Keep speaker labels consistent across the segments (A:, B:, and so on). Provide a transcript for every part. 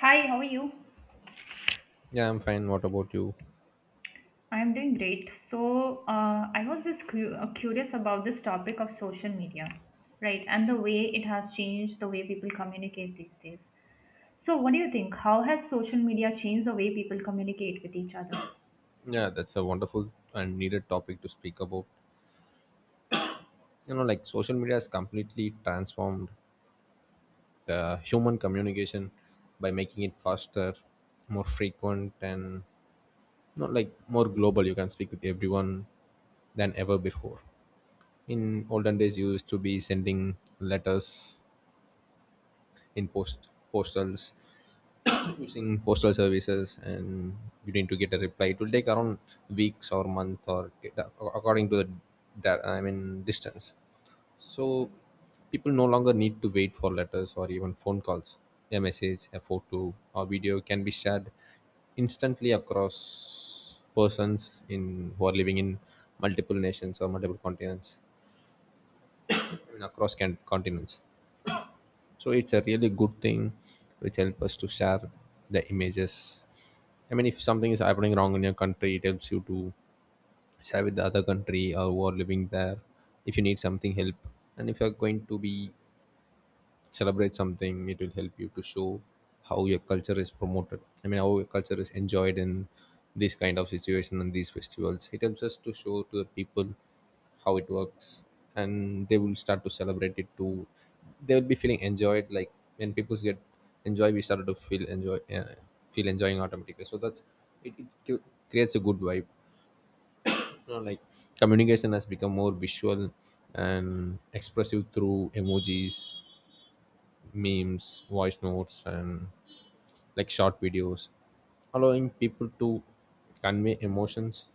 A: Hi, how are you?
B: Yeah, I'm fine. What about you?
A: I'm doing great. So, I was just curious about this topic of social media, right? And the way it has changed the way people communicate these days. So, what do you think? How has social media changed the way people communicate with each other?
B: Yeah, that's a wonderful and needed topic to speak about. You know, like, social media has completely transformed the human communication by making it faster, more frequent, and not like more global. You can speak with everyone than ever before. In olden days, you used to be sending letters in postals using postal services, and you need to get a reply. It will take around weeks or month, or according to the, that I mean distance. So people no longer need to wait for letters or even phone calls. A message, a photo or video can be shared instantly across persons in who are living in multiple nations or multiple continents. I mean, across continents. So it's a really good thing which help us to share the images. I mean, if something is happening wrong in your country, it helps you to share with the other country or who are living there if you need something help. And if you're going to be celebrate something, it will help you to show how your culture is promoted. I mean, how your culture is enjoyed in this kind of situation, and these festivals it helps us to show to the people how it works, and they will start to celebrate it too. They will be feeling enjoyed, like when people get enjoy, we started to feel enjoy, feel enjoying automatically. So that's it, it cu- creates a good vibe. You know, like communication has become more visual and expressive through emojis, memes, voice notes, and like short videos, allowing people to convey emotions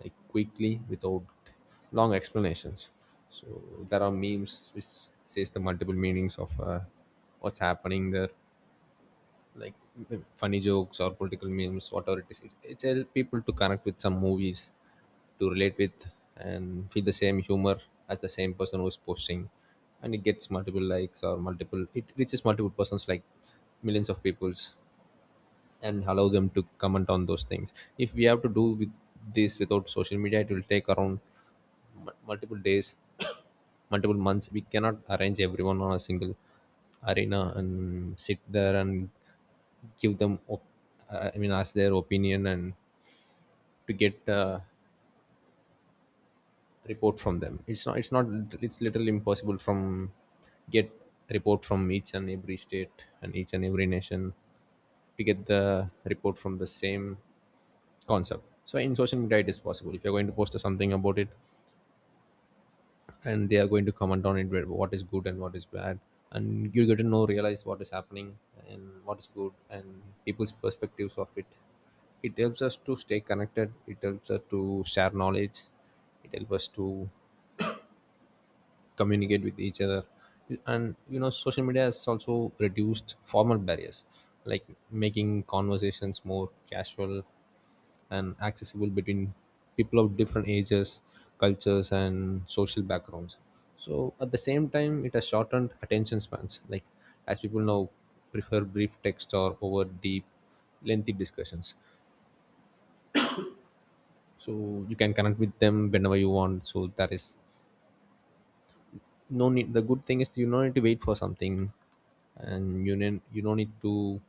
B: like quickly without long explanations. So there are memes which says the multiple meanings of what's happening there, like funny jokes or political memes, whatever it is. It's help people to connect with some movies, to relate with, and feel the same humor as the same person who's posting, and it gets multiple likes or multiple. It reaches multiple persons, like millions of peoples, and allow them to comment on those things. If we have to do with this without social media, it will take around multiple days, multiple months. We cannot arrange everyone on a single arena and sit there and give them ask their opinion and to get a report from them. It's not, it's literally impossible from get report from each and every state and each and every nation to get the report from the same concept. So in social media, it is possible. If you're going to post something about it, and they are going to comment on it, what is good and what is bad, and you get to know, realize what is happening and what is good, and people's perspectives of it. It helps us to stay connected. It helps us to share knowledge. It helps us to communicate with each other. And you know, social media has also reduced formal barriers, like making conversations more casual and accessible between people of different ages, cultures, and social backgrounds. So at the same time, it has shortened attention spans, like as people now prefer brief text or over deep, lengthy discussions. So you can connect with them whenever you want. So that is no need. The good thing is you don't need to wait for something, and you don't need to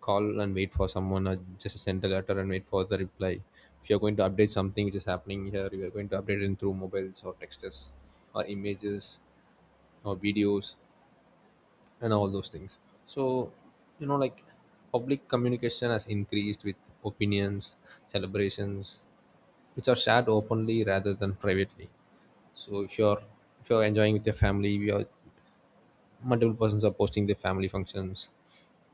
B: call and wait for someone or just send a letter and wait for the reply. If you're going to update something which is happening here, you are going to update it through mobiles or texts or images or videos and all those things. So you know, like, public communication has increased with opinions, celebrations which are shared openly rather than privately. So if you're, if you're enjoying with your family, we are multiple persons are posting their family functions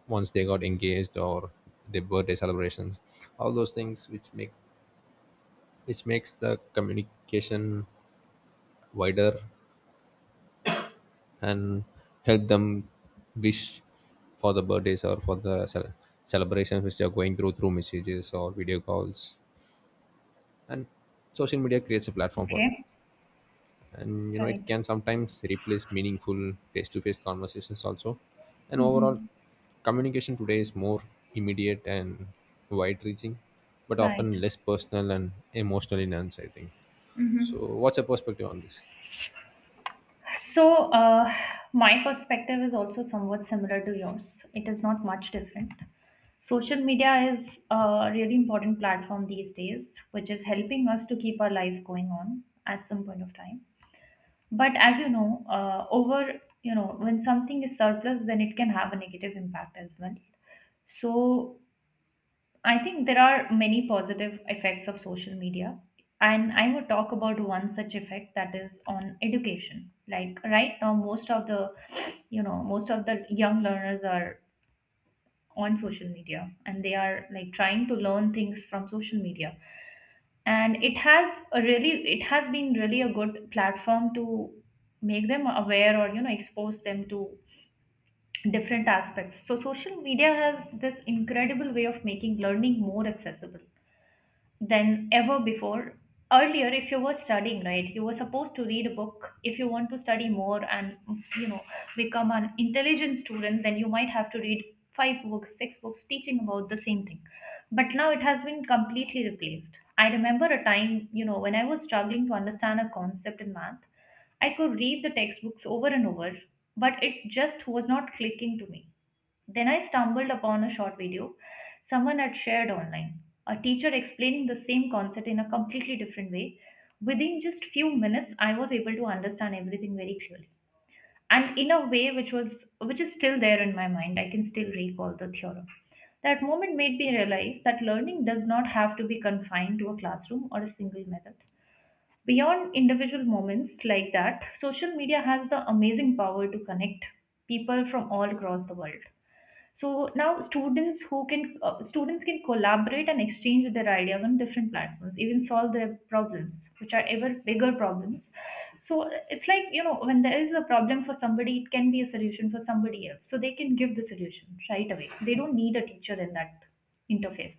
B: once they got engaged or their birthday celebrations, all those things which make, which makes the communication wider and help them wish for the birthdays or for the celebrations which they are going through through messages or video calls, and social media creates a platform for them,
A: Okay,
B: and you know, it
A: right,
B: can sometimes replace meaningful face-to-face conversations also. And overall,
A: hmm
B: communication today is more immediate and wide-reaching, but
A: right.
B: often less personal and emotional in nuance, I think. So
A: Mm-hmm.
B: what's your perspective on this?
A: So, my perspective is also somewhat similar to yours. It is not much different. Social media is a really important platform these days, which is helping us to keep our life going on at some point of time. But as you know, over, when something is surplus, then it can have a negative impact as well. So, I think there are many positive effects of social media, and I will talk about one such effect that is on education. Like right now, most of the, most of the young learners are on social media, and they are like trying to learn things from social media. And it has a really, it has been really a good platform to make them aware or you know expose them to different aspects. So social media has this incredible way of making learning more accessible than ever before. Earlier, if you were studying, right, you were supposed to read a book. If you want to study more and, you know, become an intelligent student, then you might have to read five books, six books teaching about the same thing. But now it has been completely replaced. I remember a time, when I was struggling to understand a concept in math, I could read the textbooks over and over, but it just was not clicking to me. Then I stumbled upon a short video someone had shared online. A teacher explaining the same concept in a completely different way. Within just few minutes, I was able to understand everything very clearly. And in a way which was which is still there in my mind. I can still recall the theorem. That moment made me realize that learning does not have to be confined to a classroom or a single method. Beyond individual moments like that, social media has the amazing power to connect people from all across the world. So now students can collaborate and exchange their ideas on different platforms, even solve their problems which are ever bigger problems. So it's like, you know, when there is a problem for somebody, it can be a solution for somebody else, so they can give the solution right away. They don't need a teacher in that interface.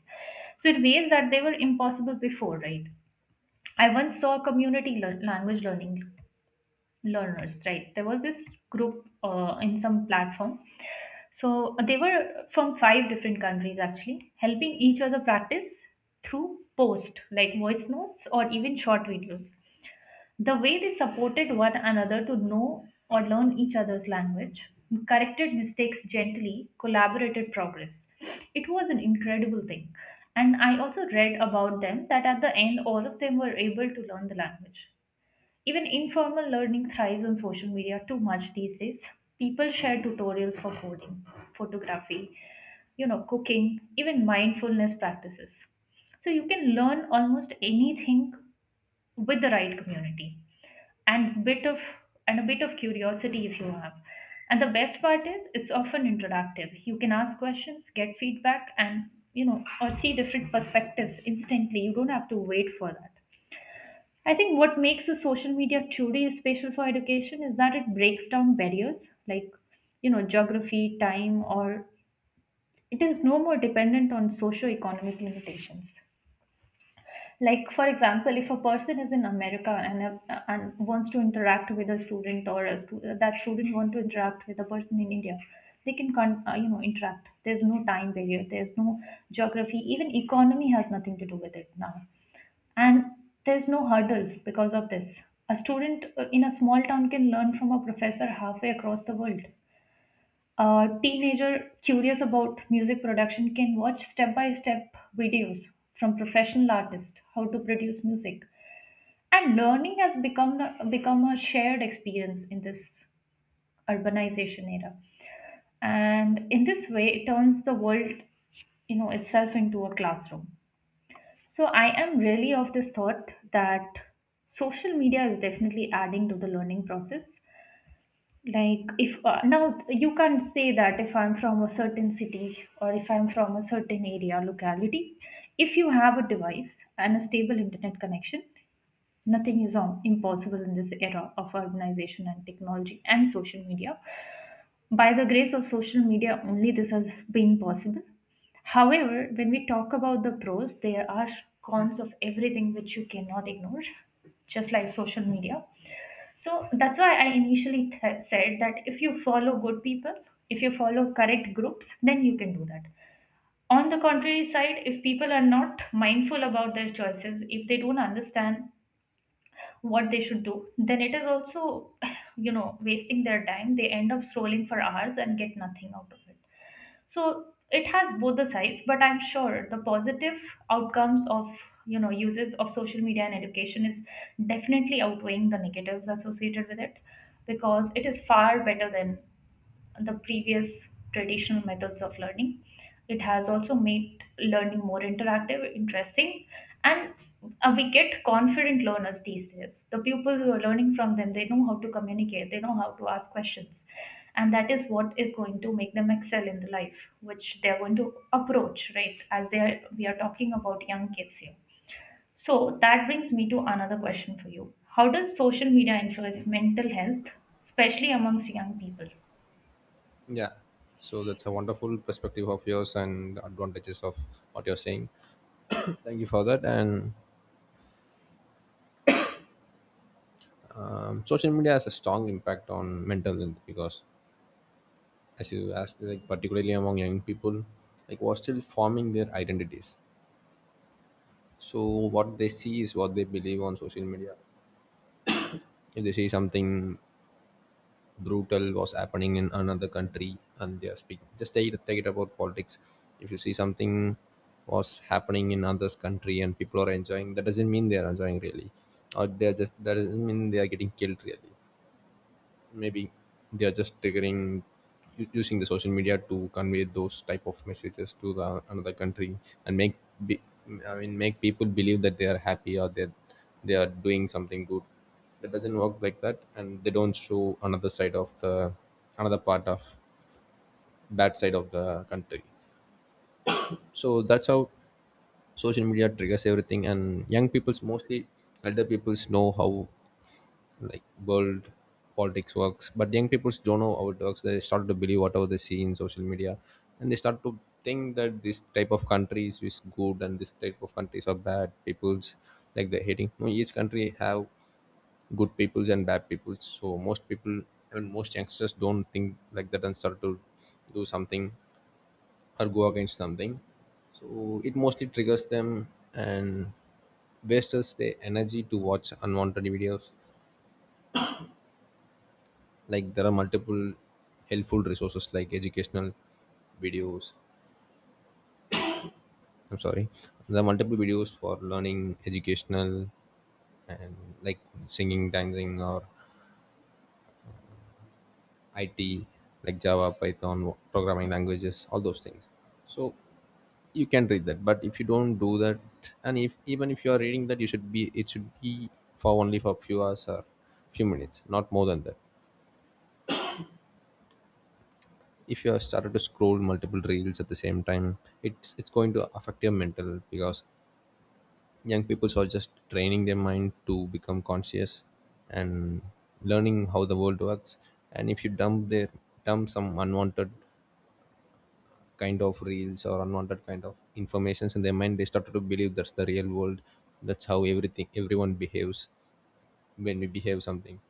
A: So in ways that they were impossible before, right? I once saw a community language learning learners, right? There was this group in some platform. So they were from five different countries actually helping each other practice through post like voice notes or even short videos. The way they supported one another to know or learn each other's language, corrected mistakes gently, collaborated progress. It was an incredible thing. And I also read about them that at the end all of them were able to learn the language. Even informal learning thrives on social media too much these days. People share tutorials for coding, photography, you know, cooking, even mindfulness practices. So you can learn almost anything with the right community and bit of and a bit of curiosity if you have. And the best part is it's often interactive. You can ask questions, get feedback and you know, or see different perspectives instantly. You don't have to wait for that. I think what makes the social media truly special for education is that it breaks down barriers like, you know, geography, time, or it is no more dependent on socio-economic limitations. Like, for example, if a person is in America and wants to interact with a student or a that student want to interact with a person in India, they can, you know, interact. There's no time barrier. There's no geography. Even economy has nothing to do with it now, and there's no hurdle because of this. A student in a small town can learn from a professor halfway across the world. A teenager curious about music production can watch step by step videos from professional artists how to produce music. And learning has become become a shared experience in this urbanization era. And in this way, it turns the world, you know, itself into a classroom. So I am really of this thought that social media is definitely adding to the learning process. Like if now you can't say that if I'm from a certain city or if I'm from a certain area locality, if you have a device and a stable internet connection, nothing is impossible in this era of urbanization and technology and social media. By the grace of social media only, this has been possible. However, when we talk about the pros, there are cons of everything which you cannot ignore, just like social media. So that's why I initially said that if you follow good people, if you follow correct groups, then you can do that. On the contrary side, if people are not mindful about their choices, if they don't understand what they should do, then it is also, you know, wasting their time. They end up scrolling for hours and get nothing out of it. So it has both the sides, but I'm sure the positive outcomes of, you know, uses of social media and education is definitely outweighing the negatives associated with it, because it is far better than the previous traditional methods of learning. It has also made learning more interactive, interesting, and we get confident learners these days. The people who are learning from them, they know how to communicate, they know how to ask questions. And that is what is going to make them excel in the life, which they are going to approach, right? As they are, we are talking about young kids here. So that brings me to another question for you. How does social media influence mental health, especially amongst young people?
B: Yeah, so that's a wonderful perspective of yours and the advantages of what you're saying. Thank you for that. And social media has a strong impact on mental health because, as you asked, like, particularly among young people, like who are still forming their identities. So what they see is what they believe on social media. If they see something brutal was happening in another country and they are speaking, just take it about politics. If you see something was happening in others country and people are enjoying, that doesn't mean they are enjoying really, or they are just, that doesn't mean they are getting killed really. Maybe they are just triggering, using the social media to convey those type of messages to the another country and make be, I mean, make people believe that they are happy or that they are doing something good. That doesn't work like that, and they don't show another side of the, another part of, bad side of the country. So that's how social media triggers everything. And young people's mostly, elder people's know how like world politics works, but young people don't know how it works. They start to believe whatever they see in social media, and they start to think that this type of countries is good and this type of countries are bad peoples, like they're hating. No, each country have good peoples and bad peoples. So most people and most youngsters don't think like that and start to do something or go against something. So it mostly triggers them and wastes their energy to watch unwanted videos. Like there are multiple helpful resources like educational videos. I'm sorry, there are multiple videos for learning educational and like singing, dancing, or it, like, java, python programming languages, all those things. So you can read that, but if you don't do that, and if, even if you are reading that, you should be, it should be for only for few hours or few minutes, not more than that. If you have started to scroll multiple reels at the same time, it's going to affect your mental, because young people are just training their mind to become conscious and learning how the world works. And if you dump their, dump some unwanted kind of reels or unwanted kind of informations in their mind, they start to believe that's the real world, that's how everything everyone behaves when we behave something.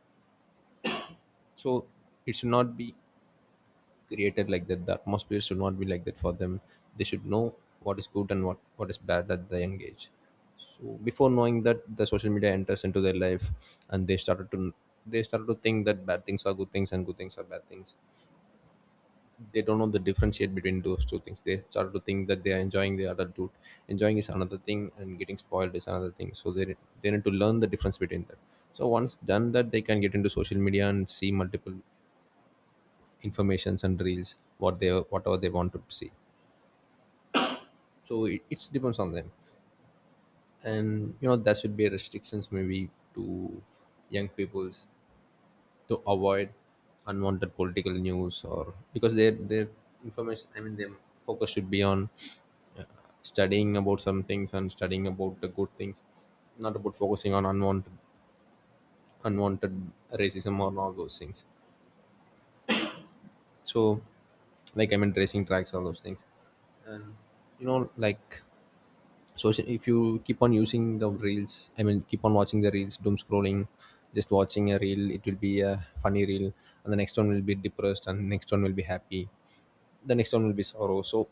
B: So it should not be created like that. The atmosphere should not be like that for them. They should know what is good and what is bad at the young age. So before knowing that, the social media enters into their life, and they started to think that bad things are good things and good things are bad things. They don't know the differentiate between those two things. They started to think that they are enjoying their adulthood. Enjoying is another thing and getting spoiled is another thing. So they need to learn the difference between that. So once done that, they can get into social media and see multiple informations and reels what they, whatever they want to see. So it depends on them. And you know, that should be restrictions maybe to young peoples to avoid unwanted political news or, because their information, I mean, their focus should be on uh, studying about some things and studying about the good things, not about focusing on unwanted racism or all those things. So like, I mean, racing tracks, all those things. And you know, like, social, if you keep on using the reels, I mean, keep on watching the reels, doom scrolling, just watching a reel, it will be a funny reel, and the next one will be depressed, and next one will be happy, the next one will be sorrow. So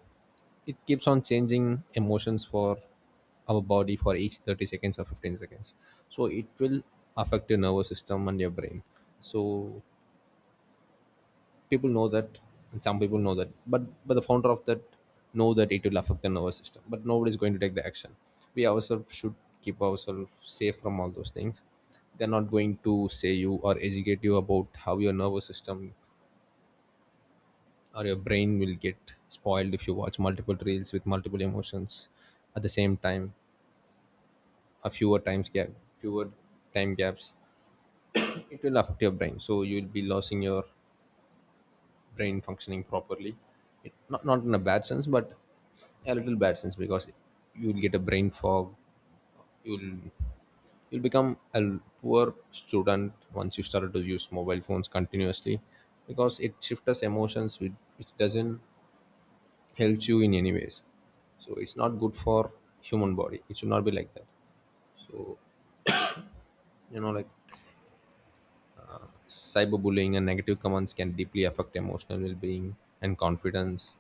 B: it keeps on changing emotions for our body for each 30 seconds or 15 seconds. So it will affect your nervous system and your brain. So people know that, and some people know that, but the founder of that know that it will affect the nervous system, but nobody's going to take the action. We ourselves should keep ourselves safe from all those things. They're not going to say you or educate you about how your nervous system or your brain will get spoiled if you watch multiple reels with multiple emotions at the same time, a fewer times gap, fewer time gaps. It will affect your brain, so you'll be losing your brain functioning properly. It, not in a bad sense, but a little bad sense, because you'll get a brain fog. you'll you'll become a poor student once you started to use mobile phones continuously, because it shifts us emotions which doesn't help you in any ways. So it's not good for human body. It should not be like that. So you know, like, cyberbullying and negative comments can deeply affect emotional well-being and confidence.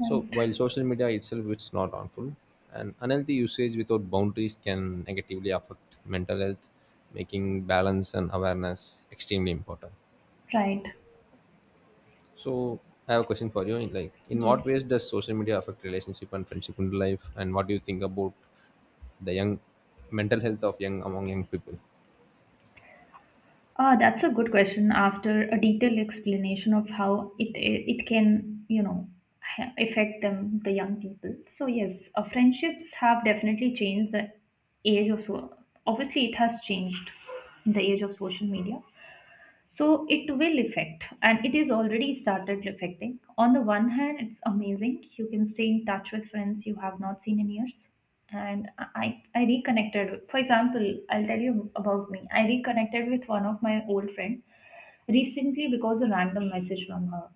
B: So
A: Right.
B: while social media itself is not harmful, and unhealthy usage without boundaries can negatively affect mental health, making balance and awareness extremely important.
A: Right.
B: So I have a question for you, like, in what
A: Yes.
B: ways does social media affect relationship and friendship in life, and what do you think about the young mental health of young, among young people?
A: Ah, that's a good question. After a detailed explanation of how it can, you know, affect them, the young people. So yes, friendships have definitely changed the age of so. Obviously, it has changed in the age of social media. So it will affect and it is already started affecting. On the one hand, it's amazing, you can stay in touch with friends you have not seen in years. And i I reconnected, for example, I'll tell you about me, I reconnected with one of my old friend recently because a random message from her.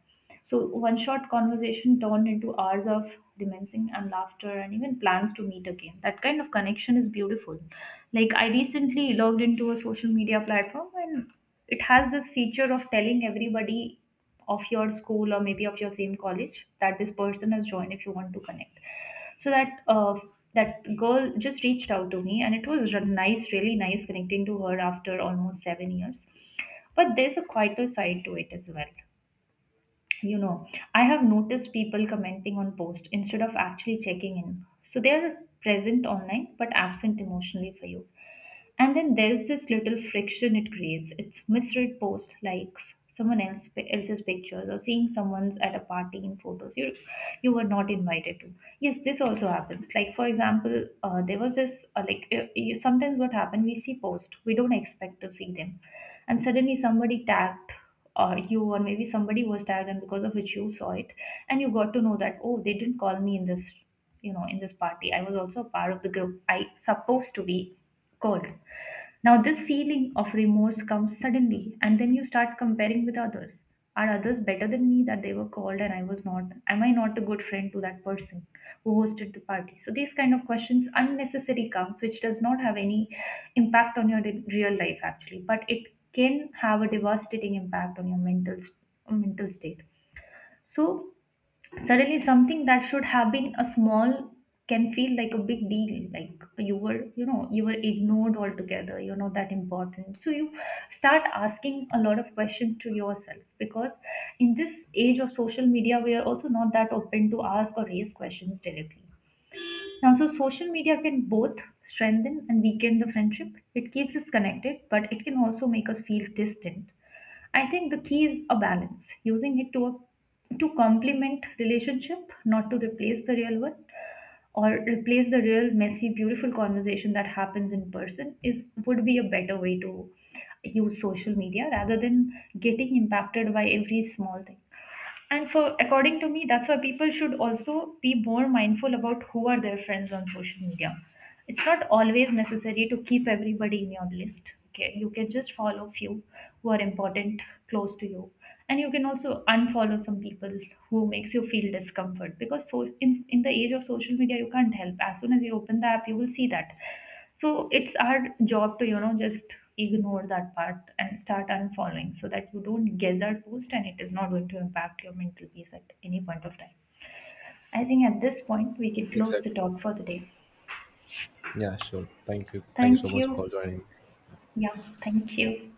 A: So one short conversation turned into hours of reminiscing and laughter and even plans to meet again. That kind of connection is beautiful. Like I recently logged into a social media platform and it has this feature of telling everybody of your school or maybe of your same college that this person has joined if you want to connect. So that that girl just reached out to me and it was nice, really nice connecting to her after almost 7 years. But there's a quieter side to it as well, you know. I have noticed people commenting on posts instead of actually checking in. So they are present online but absent emotionally for you. And then there's this little friction it creates. It's misread post likes, someone else else's pictures, or seeing someone's at a party in photos you were not invited to. Yes, this also happens. Like for example, there was this like you, sometimes what happened we see post we don't expect to see them, and suddenly somebody tagged you or maybe somebody was tagged and because of which you saw it, and you got to know that oh they didn't call me in this, you know, in this party. I was also a part of the group, I supposed to be called. Now this feeling of remorse comes suddenly and then you start comparing with others. Are others better than me that they were called and I was not? Am I not a good friend to that person who hosted the party? So these kind of questions unnecessary comes which does not have any impact on your real life actually, but it can have a devastating impact on your mental state. So suddenly something that should have been a small can feel like a big deal, like you were, you know, you were ignored altogether, you're not that important. So you start asking a lot of questions to yourself because in this age of social media we are also not that open to ask or raise questions directly now. So social media can both strengthen and weaken the friendship. It keeps us connected, but it can also make us feel distant. I think the key is a balance, using it to to complement relationship, not to replace the real one, or replace the real messy, beautiful conversation that happens in person. Is would be a better way to use social media rather than getting impacted by every small thing. And for according to me, that's why people should also be more mindful about who are their friends on social media. It's not always necessary to keep everybody in your list. Okay, you can just follow few who are important, close to you, and you can also unfollow some people who makes you feel discomfort because so in the age of social media, you can't help. As soon as you open the app, you will see that. So it's our job to, you know, just ignore that part and start unfollowing so that you don't get that post and it is not going to impact your mental peace at any point of time. I think at this point we can close the
B: Exactly.
A: talk for the day.
B: Yeah, sure. Thank you so
A: Thank
B: much
A: you.
B: for joining.
A: Yeah, thank you.